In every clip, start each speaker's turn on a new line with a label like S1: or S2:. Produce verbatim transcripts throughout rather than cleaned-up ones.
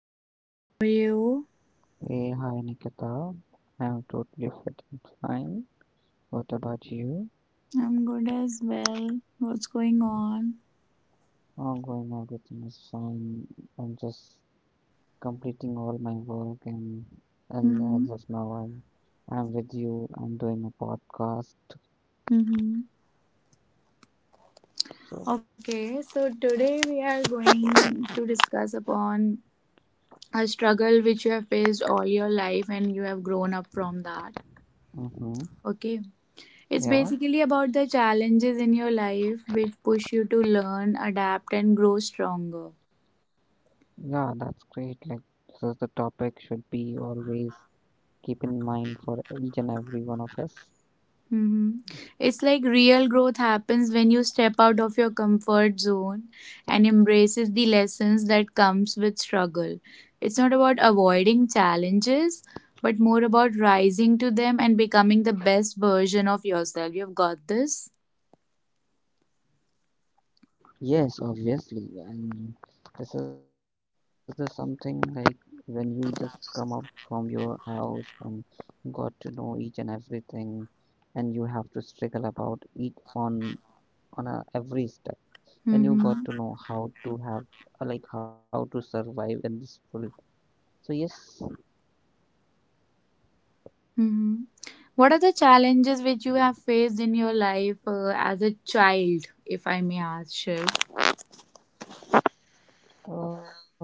S1: Hi Shiv, how are you?
S2: Hey, hi Nikita. I'm totally fit and fine. What about you?
S1: I'm good as well. What's going on?
S2: Oh, going everything is fine. I'm just completing all my work and and
S1: hmm
S2: as of now I'm I'm with you. I'm doing a podcast.
S1: hmm
S2: So,
S1: Okay, so today we are going to discuss upon a struggle which you have faced all your life and you have grown up from that.
S2: hmm
S1: Okay, it's
S2: yeah,
S1: basically about the challenges in your life which push you to learn, adapt, and grow stronger.
S2: yeah, that's great. Like this is the topic should be always keep in mind for each and every one of us.
S1: Mhm. It's like real growth happens when you step out of your comfort zone and embraces the lessons that comes with struggle. It's not about avoiding challenges, but more about rising to them and becoming the best version of yourself. You've got this.
S2: Yes, obviously. And this is the something like when you just come up from your house and got to know each and everything, and you have to struggle about each on on a every step. Then
S1: Mm-hmm.
S2: you got to know how to have uh, like how to survive in this world. So yes,
S1: Mm-hmm. What are the challenges which you have faced in your life uh, as a child, if I may ask, Shiv?
S2: uh,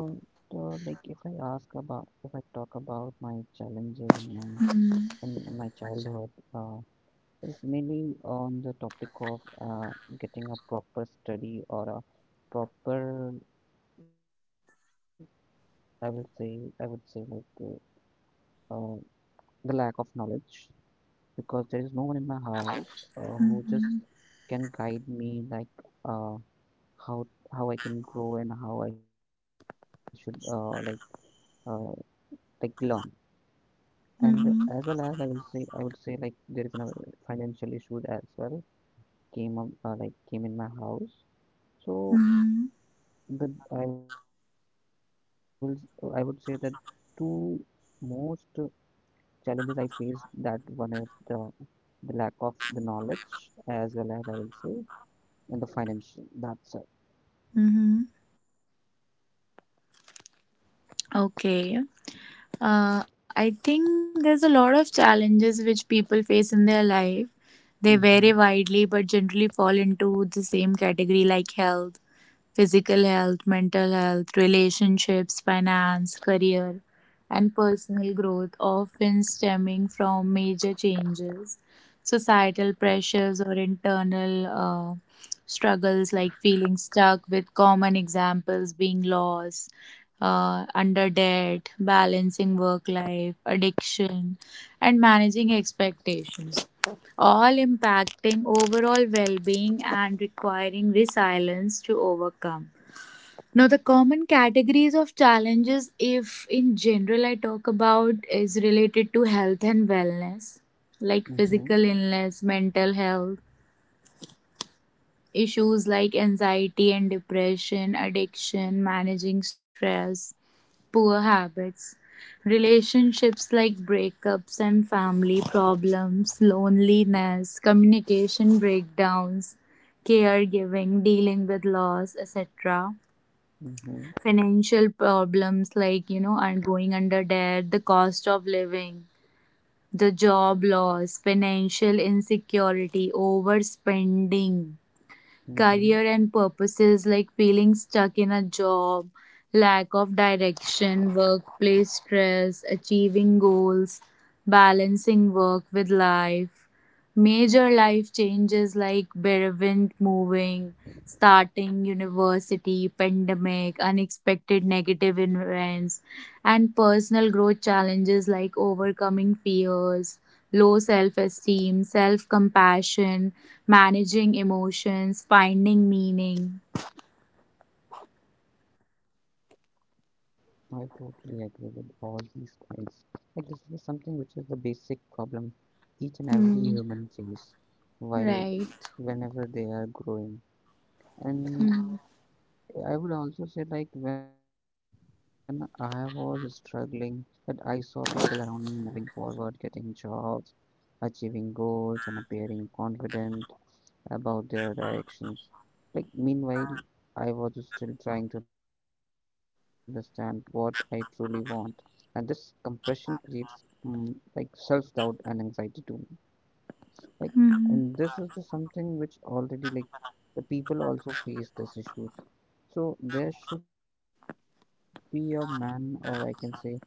S2: uh, like if I ask about if I talk about my challenges in my
S1: Mm-hmm.
S2: in my childhood. Uh, is mainly on the topic of uh, getting a proper study or a proper, I will say, I would say like uh, uh, the lack of knowledge because there is no one in my house uh, who
S1: Mm-hmm.
S2: just can guide me like uh, how how I can grow and how I should uh, like uh, like learn. And as well as I
S1: Mm-hmm.
S2: will say, I would say like there is a financial issue as well came up uh, like came in my house. So the I will I would say that two most uh, challenges I face that one is the the lack of the knowledge as well as I will say and the financial that side.
S1: Mm-hmm. Okay. Uh, I think there's a lot of challenges which people face in their life. They
S2: Mm-hmm.
S1: vary widely but generally fall the same category like health, physical health, mental health, relationships, finance, career, and personal growth, often stemming from major changes, societal pressures, or internal uh, struggles like feeling stuck, with common examples being loss. Uh, under debt, balancing work life, addiction, and managing expectations all impacting overall well-being and requiring resilience to overcome. Now, the common categories of challenges, if in general I talk about, is related to health and wellness, like
S2: Mm-hmm.
S1: physical illness, mental health, issues like anxiety and depression, addiction, managing stress, poor habits, relationships like breakups and family problems, loneliness, communication breakdowns, caregiving, dealing with loss, et cetera.
S2: Mm-hmm.
S1: Financial problems like, you know, are going under debt, the cost of living, the job loss, financial insecurity, overspending,
S2: Mm-hmm.
S1: career and purposes like feeling stuck in a job, lack of direction, workplace stress, achieving goals, balancing work with life, major life changes like bereavement, moving, starting university, pandemic, unexpected negative events, and personal growth challenges like overcoming fears, low self esteem, self compassion managing emotions, finding meaning.
S2: I totally agree with all these points. Like this is something which is the basic problem each and
S1: Hmm.
S2: every human face
S1: Right.
S2: while whenever they are growing. And
S1: Hmm.
S2: I would also say, like, when I was struggling, that I saw people around me moving forward, getting jobs, achieving goals, and appearing confident about their directions. Like, meanwhile, I was still trying to understand what I truly want, and this compression creates mm like self doubt and anxiety too, like,
S1: Hmm.
S2: and this is the something which already, like, the people also face these issues. So there should be a man, or I can say, uh,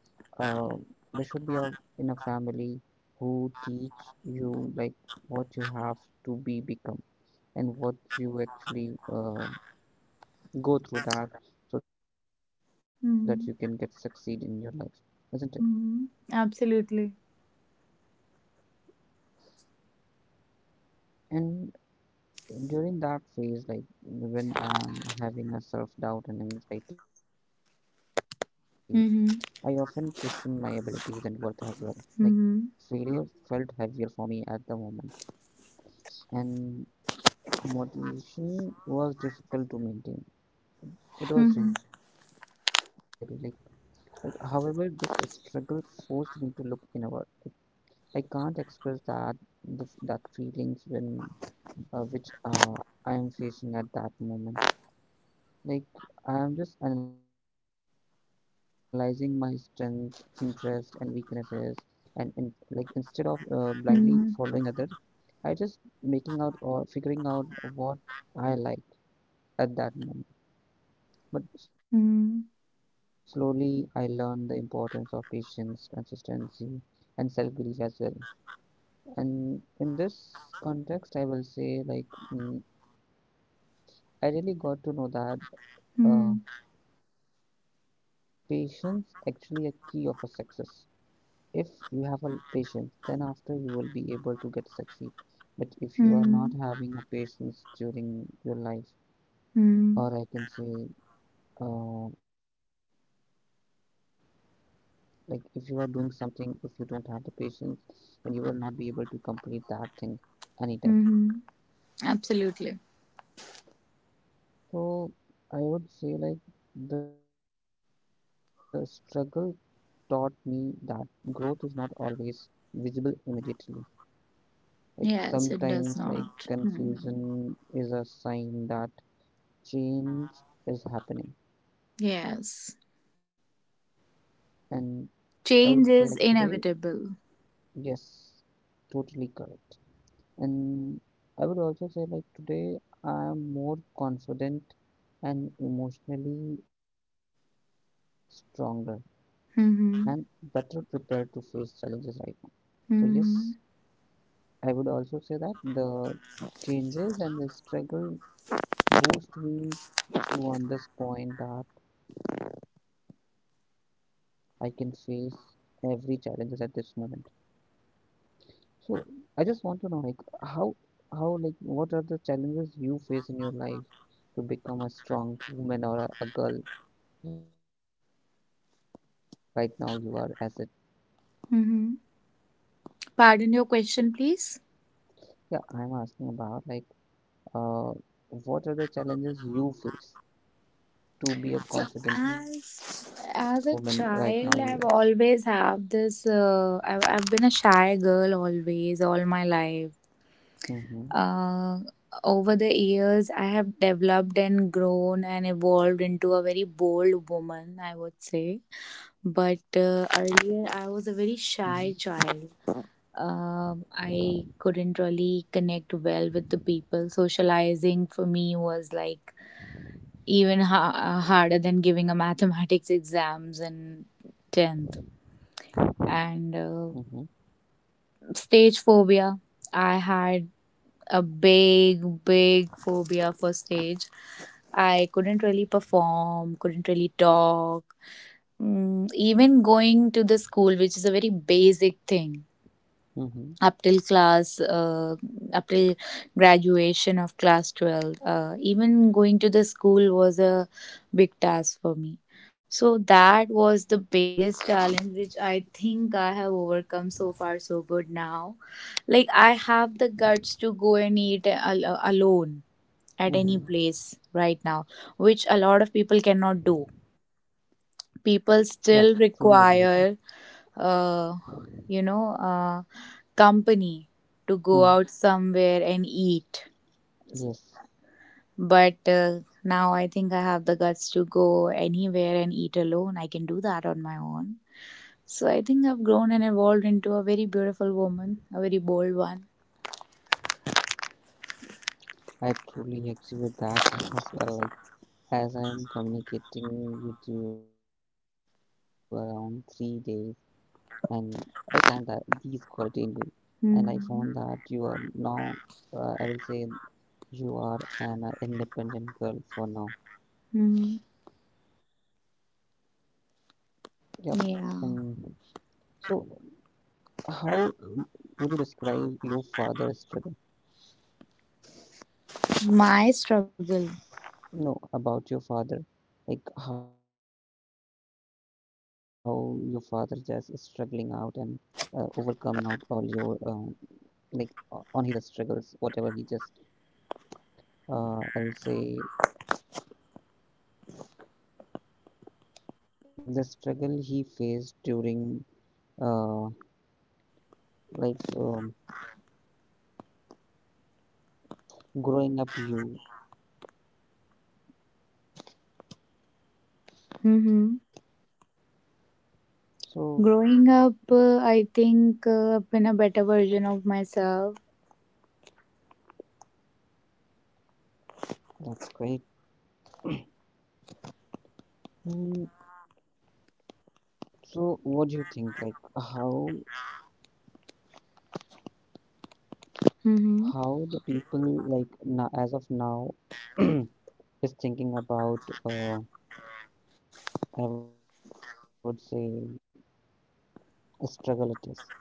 S2: there should be a in a family who teach you like what you have to be become and what you actually uh, go through that so that you can get succeed in your
S1: Hmm.
S2: life, isn't it?
S1: Hmm. Absolutely.
S2: And during that phase, like when I'm having a self doubt and anxiety, I often question my
S1: Hmm.
S2: abilities and worth as well. Like failure
S1: Hmm.
S2: felt heavier for me at the moment, and motivation was difficult to maintain. It was
S1: Hmm.
S2: really like, like however, this struggle forced me to look inward. I can't express that the, that feelings when uh, which uh, I am facing at that moment. Like I am just analyzing my strength, interest, and weaknesses and in, like instead of uh, blindly
S1: Hmm.
S2: following others, I just making out or figuring out what I like at that moment. But slowly,
S1: Hmm.
S2: I learned the importance of patience, consistency, and self-belief as well. And in this context, I will say like mm, I really got to know that uh,
S1: Hmm.
S2: patience actually a key of a success. If you have a patience, then after you will be able to get succeed. But if you are not
S1: Hmm.
S2: having a patience during your life, or
S1: Hmm.
S2: I can say, uh, like if you are doing something, if you don't have the patience, then you will not be able to complete that thing anytime.
S1: Hmm. Absolutely.
S2: So I would say like the struggle taught me that growth is not always visible immediately. Like
S1: Yes, it does
S2: sometimes, like
S1: not. Hmm.
S2: confusion is a sign that change is happening.
S1: Yes.
S2: And I would say, like today,
S1: Change is inevitable.
S2: yes, totally correct. And I would also say, like today, I am more confident and emotionally stronger and
S1: Hmm.
S2: better
S1: Hmm.
S2: prepared to face challenges right now. So, yes,
S1: Hmm.
S2: I would also say that the changes and the struggle boost me to on this point that I can face every challenges at this moment. So I just want to know like how how like what are the challenges you face in your life to become a strong woman or a, a girl right now you are as it.
S1: Hmm. Pardon your question, please.
S2: Yeah, I'm asking about like uh what are the challenges you face to be a
S1: So
S2: confident woman right
S1: as
S2: now you
S1: as
S2: as.
S1: a child, I've always have this. Uh, I've I've been a shy girl always, all my life.
S2: Mm-hmm,
S1: Uh, over the years, I have developed and grown and evolved into a very bold woman, I would say. But
S2: mm-hmm,
S1: uh, earlier, I was a very shy child. Um, I couldn't really connect well with the people. Socializing for me was like even ha- harder than giving a mathematics exams in tenth
S2: mm-hmm,
S1: and uh, stage phobia I had a big big phobia for stage. I couldn't really perform, couldn't really talk. Mm, even going to the school, which is a very basic thing,
S2: mm-hmm,
S1: up till class uh, up till graduation of class twelve, uh, even going to the school was a big task for me. So that was the biggest challenge which I think I have overcome so far so good now. Like I have the guts to go and eat al- alone at any
S2: mm-hmm.
S1: place right now, which a lot of people cannot do.
S2: Yeah, truly agree with
S1: People
S2: that.
S1: still require uh you know uh company to go
S2: Mm,
S1: out somewhere and eat.
S2: yes.
S1: But uh, now I think I have the guts to go anywhere and eat alone. I can do that on my own. So I think I've grown and evolved into a very beautiful woman, a very bold one.
S2: I truly exhibit that as well. Like as I'm communicating with you around three days, and I found that these quality in you, and I found
S1: Hmm.
S2: that you are now, uh, I will say, you are an uh, independent girl for now.
S1: Hmm.
S2: Yep. And so,
S1: Yeah.
S2: how um, would you describe your father's struggle? No, about your father, like how your father just struggling out and uh, overcoming out all your uh, like o- on his struggles whatever he just uh, I will say the struggle he faced during uh, like um, growing up you.
S1: Hmm.
S2: So
S1: Growing up, uh, I think uh, I've been a better version of myself.
S2: that's great. Mm, so what do you think like how
S1: Hmm.
S2: how the people like now, as of now is thinking about, uh, I would say struggle it is.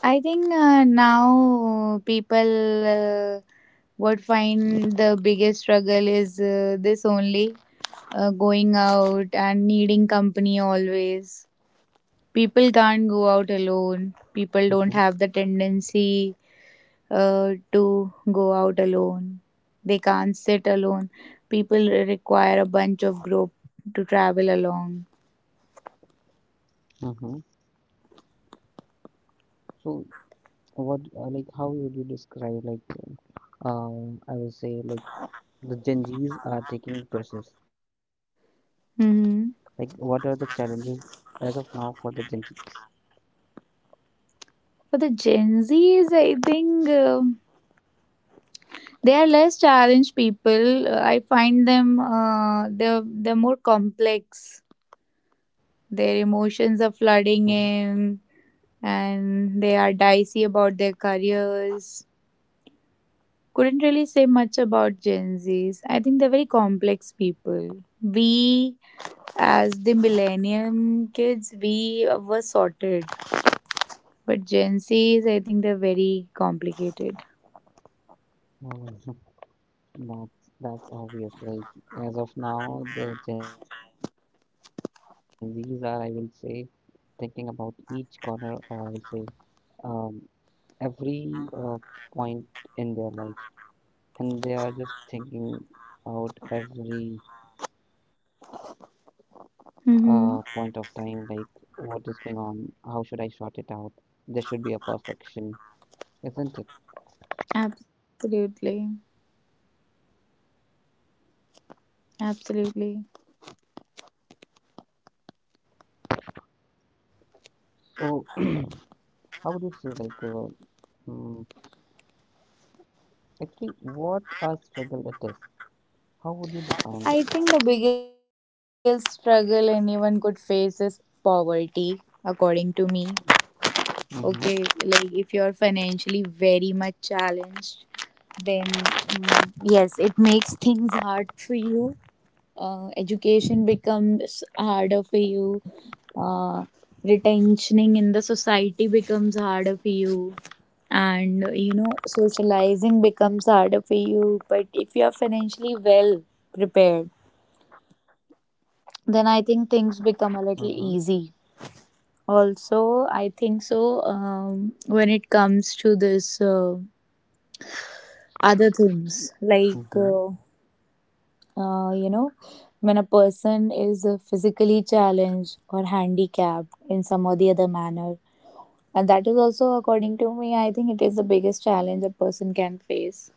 S1: I think uh, now uh, people, uh, what find the biggest struggle is uh, this only, uh, going out and needing company always. People can't go out
S2: Mm-hmm,
S1: alone. People don't have the tendency uh, to go out alone. They can't sit alone. People require a bunch of group to travel along.
S2: mm-hmm. So what uh, like how would you describe like um, I will say like the Gen Zs are taking pressures. Like, what are
S1: Hmm.
S2: the challenges as of now for the Gen Zs?
S1: For the Gen Zs, I think uh, they are less challenged people. Uh, I find them uh, they're they're more complex. Their
S2: Mhm.
S1: emotions are flooding in, and they are dicey about their careers. Couldn't really say much about Gen Zs. I think they're very complex people. We, as the millennium kids, we were sorted, but Gen Zs, I think they're very complicated.
S2: Oh, that's that's obvious. Like as of now, the Gen Zs are, I will say, thinking about each corner, or I will say, um, every uh, point in their life, and they are just thinking out every uh, point of time, like
S1: Mm-hmm.
S2: what is going on, how should I sort it out? There should be a perfection, isn't it?
S1: Absolutely. Absolutely.
S2: So, how would you say, like, uh, mm, actually, what a struggle it is? How would you define this?
S1: I think the biggest struggle anyone could face is poverty, according to me. Okay,
S2: Mm-hmm,
S1: like if you're financially very much challenged, then mm, yes, it makes things hard for you. uh, education becomes harder for you. uh, retentioning in the society becomes harder for you, and you know socializing becomes harder for you, but if you are financially well prepared, then I
S2: mm-hmm,
S1: think things become a little easy. Also, I think so. um, when it comes to this uh, other things like
S2: mm-hmm.
S1: uh, uh, you know, when a person is uh, physically challenged or handicapped in some or the other manner. And that is also, according to me, I think it is the biggest challenge a person can face.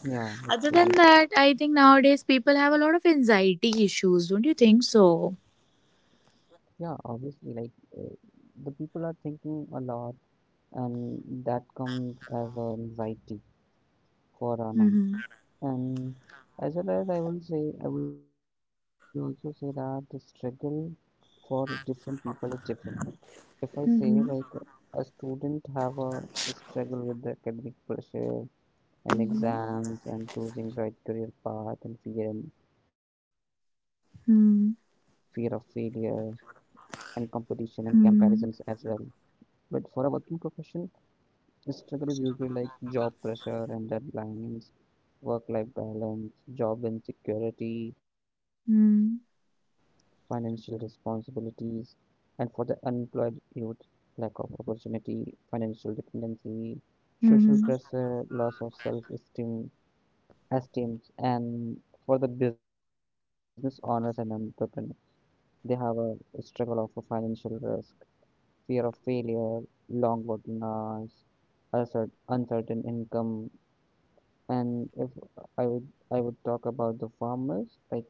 S2: Yeah,
S1: Other than
S2: literally.
S1: that, I think nowadays people have a lot of anxiety issues, don't you think so?
S2: Yeah, obviously, like, uh, the people are thinking a lot, and that comes as a anxiety for our
S1: Mm-hmm.
S2: now. And as well as I will say, I would also say that the struggle for different people is different. If I say
S1: Mm-hmm.
S2: like a student have a struggle with the academic pressure and exams and choosing right career path and fear and fear of failure
S1: Mm-hmm.
S2: and competition and comparisons as well. But for a working profession, the struggle is usually like job pressure and deadlines, work-life balance, job insecurity, financial
S1: Mm-hmm.
S2: responsibilities, and for the unemployed youth, lack of opportunity, financial dependency, social
S1: Mm-hmm.
S2: pressure, loss of self-esteem, esteem, and for the business owners and entrepreneurs, they have a struggle of a financial risk, fear of failure, long working hours, uncer- uncertain income, and if I would I would talk about the farmers, like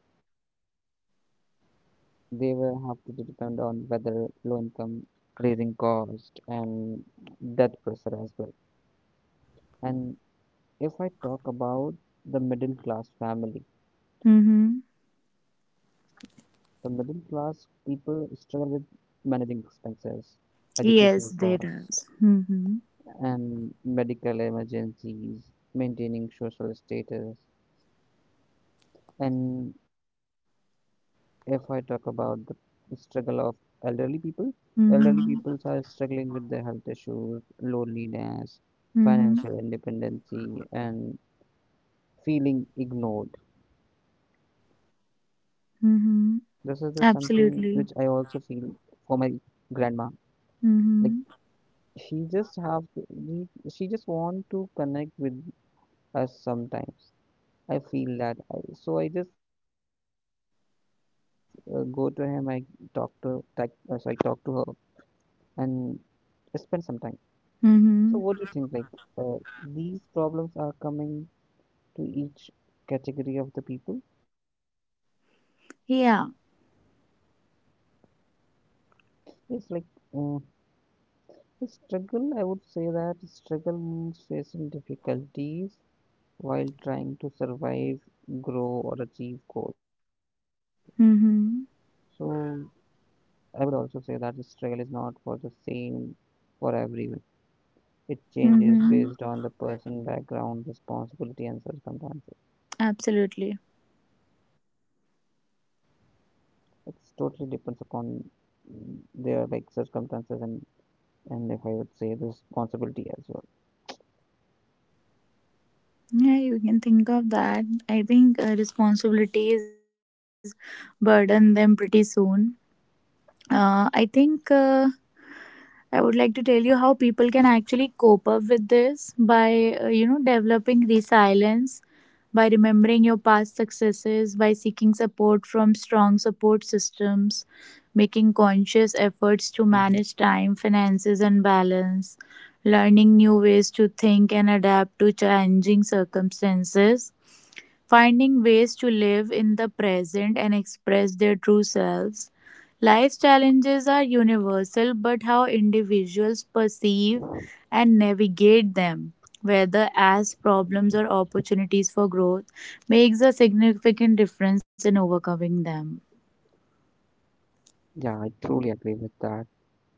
S2: they will have to depend on whether low income, raising cost, and that pressure as well. And if I talk about the middle class family,
S1: Mm-hmm.
S2: the middle class people struggle with managing expenses, education
S1: Yes, they
S2: cost,
S1: does. Mm-hmm.
S2: and medical emergencies, maintaining social status. And if I talk about the struggle of elderly people, elderly people
S1: Mm-hmm.
S2: are struggling with their health issues, loneliness,
S1: Mm-hmm.
S2: financial independency, and feeling ignored. This is the something
S1: Mm-hmm.
S2: which I also feel
S1: Absolutely.
S2: for my grandma. Like
S1: Mm-hmm.
S2: she just have to- she just want to connect with us sometimes. I feel that I, so I just uh, go to him. I talk to like uh, so I talk to her and spend some time. So, what
S1: Mm-hmm.
S2: do you think? Like, uh, these problems are coming to each category of the people.
S1: Yeah.
S2: It's like uh, struggle. I would say that struggle means facing difficulties while trying to survive, grow, or achieve goal.
S1: Mm-hmm.
S2: So, I would also say that the struggle is not for the same for everyone. It changes
S1: Mm-hmm.
S2: based on the person, background, responsibility, and circumstances.
S1: Absolutely.
S2: It totally depends upon there are like circumstances and and if I would say responsibility as well.
S1: Yeah, you can think of that. I think uh, responsibilities burden them pretty soon. Uh, I think uh, I would like to tell you how people can actually cope up with this by, uh, you know, developing resilience, by remembering your past successes, by seeking support from strong support systems, making
S2: Mm-hmm.
S1: conscious efforts to manage time, finances, and balance, learning new ways to think and adapt to changing circumstances, finding ways to live in the present and express their true selves. Life's challenges are universal, but how individuals perceive and navigate them, whether as problems or opportunities for growth, makes a significant difference in overcoming them.
S2: Yeah, I truly agree with that.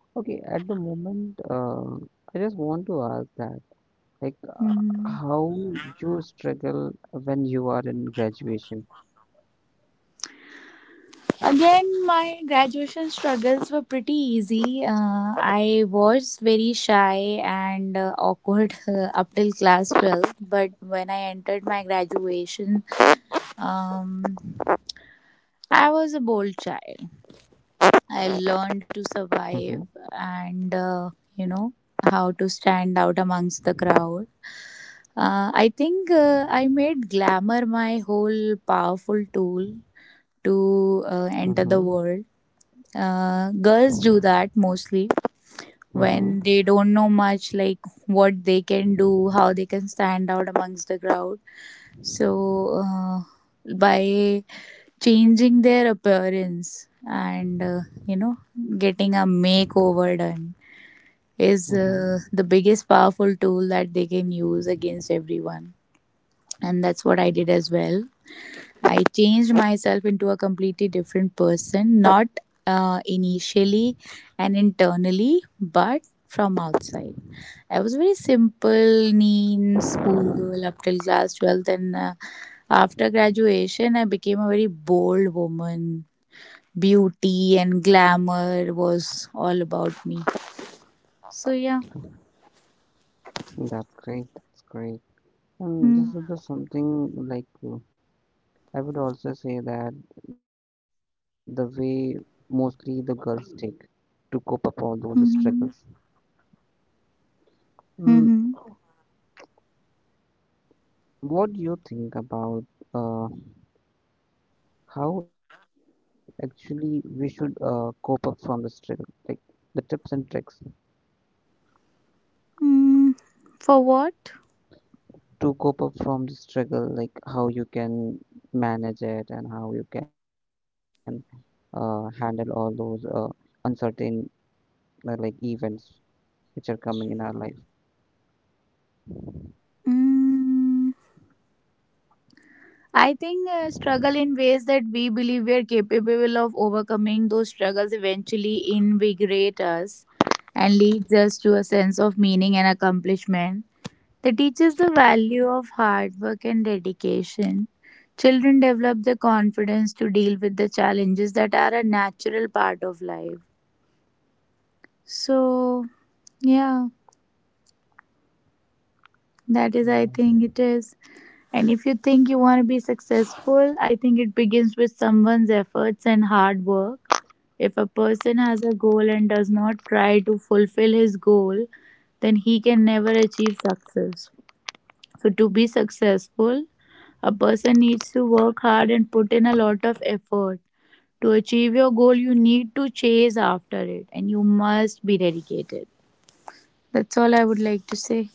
S2: Okay, at the moment, uh, I just want to ask that, like, uh,
S1: Mhm.
S2: how you struggle when you are in graduation?
S1: Again, my graduation struggles were pretty easy. Uh, I was very shy and uh, awkward uh, up till class twelve, but when I entered my graduation, um, I was a bold child.
S2: Mm-hmm,
S1: I learned to survive and, uh, you know, how to stand out amongst the crowd. Uh, I think uh, I made glamour my whole powerful tool
S2: mm-hmm,
S1: to uh, enter the world. Uh, girls do that mostly
S2: mm-hmm,
S1: when they don't know much, like what they can do, how they can stand out amongst the crowd. So, uh, by changing their appearance and uh, you know, getting a makeover done is uh, the biggest powerful tool that they can use against everyone, and that's what I did as well. I changed myself into a completely different person, not uh, initially and internally, but from outside. I was very simple, neat schoolgirl up till class twelfth, and uh, after graduation, I became a very bold woman. Beauty and glamour was all about me. So, yeah.
S2: mm-hmm. That's great. That's great. And this is the something like uh, I would also say that the way mostly the girls take to cope up all those
S1: Mm-hmm.
S2: struggles.
S1: Mm-hmm.
S2: Mm, what do you think about uh, how actually we should uh, cope up from the struggle? Like the tips and tricks
S1: Mm. For what?
S2: to cope up from the struggle, like how you can manage it and how you can uh, handle all those uh, uncertain uh, like events which are coming in our life.
S1: Mm. I struggle in ways that we believe we are capable of overcoming those struggles eventually invigorate us and leads us to a sense of meaning and accomplishment that teaches the value of hard work and dedication. Children develop the confidence to deal with the challenges that are a natural part of life. So, yeah, that is, I
S2: Mm,
S1: think, it is. And if you think you want to be successful, I think it begins with someone's efforts and hard work. If a person has a goal and does not try to fulfill his goal, then he can never achieve success. So, to be successful, a person needs to work hard and put in a lot of effort. To achieve your goal, you need to chase after it and you must be dedicated. That's all I would like to say.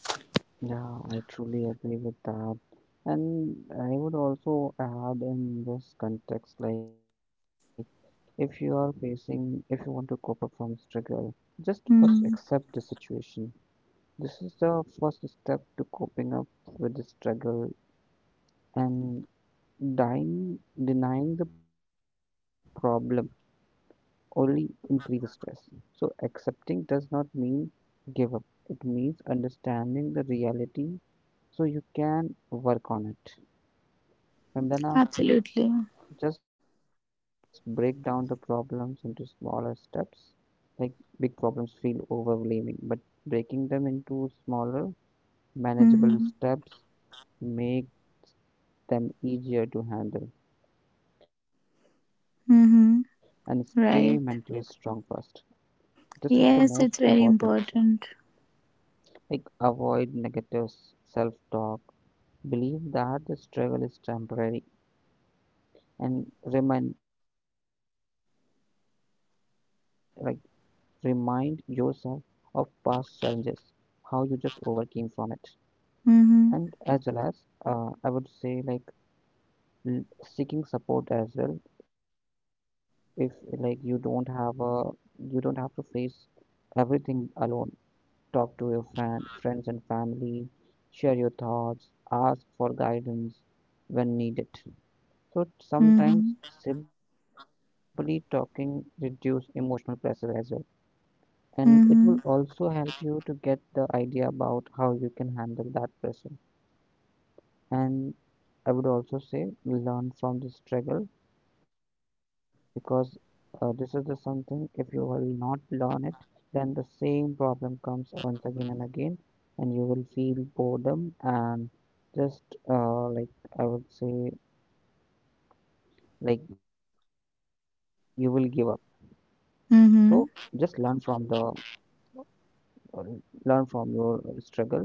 S2: yeah, I truly agree with that. And I would also add in this context, like if you are facing, if you want to cope up from struggle, just first
S1: Hmm.
S2: accept the situation. This is the first step to coping up with the struggle, and dying, denying the problem only increases stress. So, accepting does not mean give up, it means understanding the reality so you can work on it. And then, after,
S1: Absolutely.
S2: just break down the problems into smaller steps. Like big problems feel overwhelming, but breaking them into smaller, manageable
S1: Mm-hmm.
S2: steps make them easier to handle and stay mentally
S1: Mm-hmm.
S2: strong first.
S1: Right.
S2: This is the most
S1: Yes, it's
S2: important.
S1: very important.
S2: Like avoid negative self-talk. Believe that the struggle is temporary and remind like remind yourself of past challenges, how you just overcame from it. And
S1: Mm-hmm.
S2: as well as uh, I would say like l- seeking support as well. If like you don't have a you don't have to face everything alone, talk to your fan, friends and family, share your thoughts, ask for guidance when needed. So
S1: Mm-hmm.
S2: sometimes simply talking reduce emotional pressure as well, and it
S1: Mm-hmm.
S2: will also help you to get the idea about how you can handle that pressure. And I would also say learn from the struggle, because uh, this is the something if you will not learn it then the same problem comes once again and again and you will feel boredom and just uh, like I would say like you will give up. So just learn
S1: Mm-hmm.
S2: from the uh, learn from your struggle.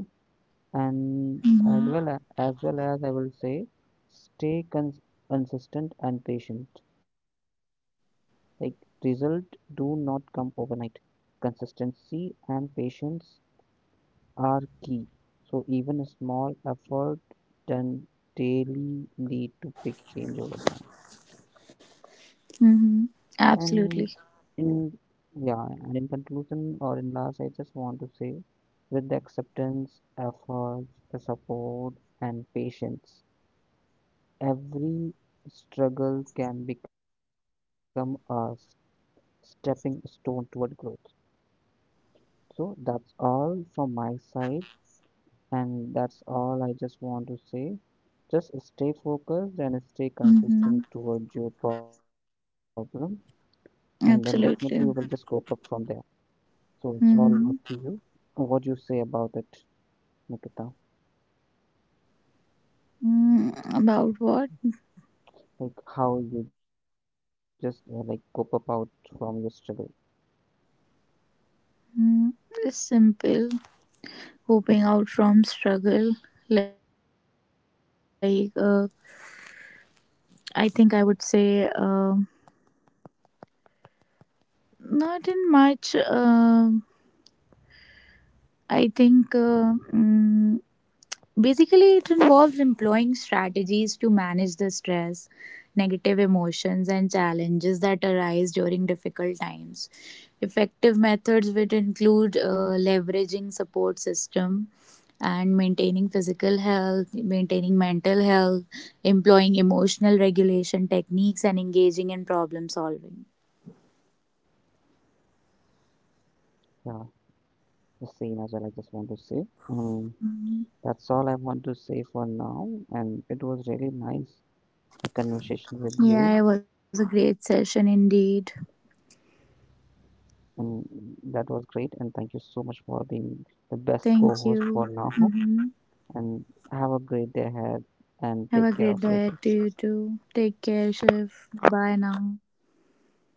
S2: And as
S1: Mm-hmm.
S2: well a- as well as I will say stay cons- consistent and patient. Like result do not come overnight. Consistency and patience are key, so even a small effort done daily lead to big change over time.
S1: Mm-hmm.
S2: And in
S1: Absolutely.
S2: yeah, and in conclusion or in last, I just want to say with the acceptance, efforts, the support, and patience, every struggle can become a stepping stone toward growth. So that's all from my side. And that's all I just want to say. Just stay focused and stay
S1: Mm-hmm.
S2: consistent towards your problem, and then definitely you will just
S1: Absolutely.
S2: cope up from there. So it's all up
S1: Mm-hmm.
S2: to you. What you say about it, Nikita?
S1: Mm, about what?
S2: Like how you just uh, like cope up out from your struggle.
S1: Mm, it's simple. Coping out from struggle. Like, uh, I think I would say, um, not in much. Um, I think uh, mm, Basically, it involves employing strategies to manage the stress, negative emotions, and challenges that arise during difficult times. Effective methods would include uh, leveraging support system and maintaining physical health, maintaining mental health, employing emotional regulation techniques, and engaging in problem solving.
S2: Yeah, the same as well. I just want to say. Um,
S1: Mhm.
S2: that's all I want to say for now, and it was really nice a conversation with
S1: Yeah, it
S2: you.
S1: was a great session indeed.
S2: And that was great. And thank you so much for being the best
S1: Thank
S2: co-host for
S1: you.
S2: now.
S1: Hmm.
S2: And have a great day ahead and
S1: Have
S2: take
S1: a
S2: care
S1: great
S2: of
S1: day
S2: yourself.
S1: to you too. Take care, Shiv. Bye now.
S2: Bye bye.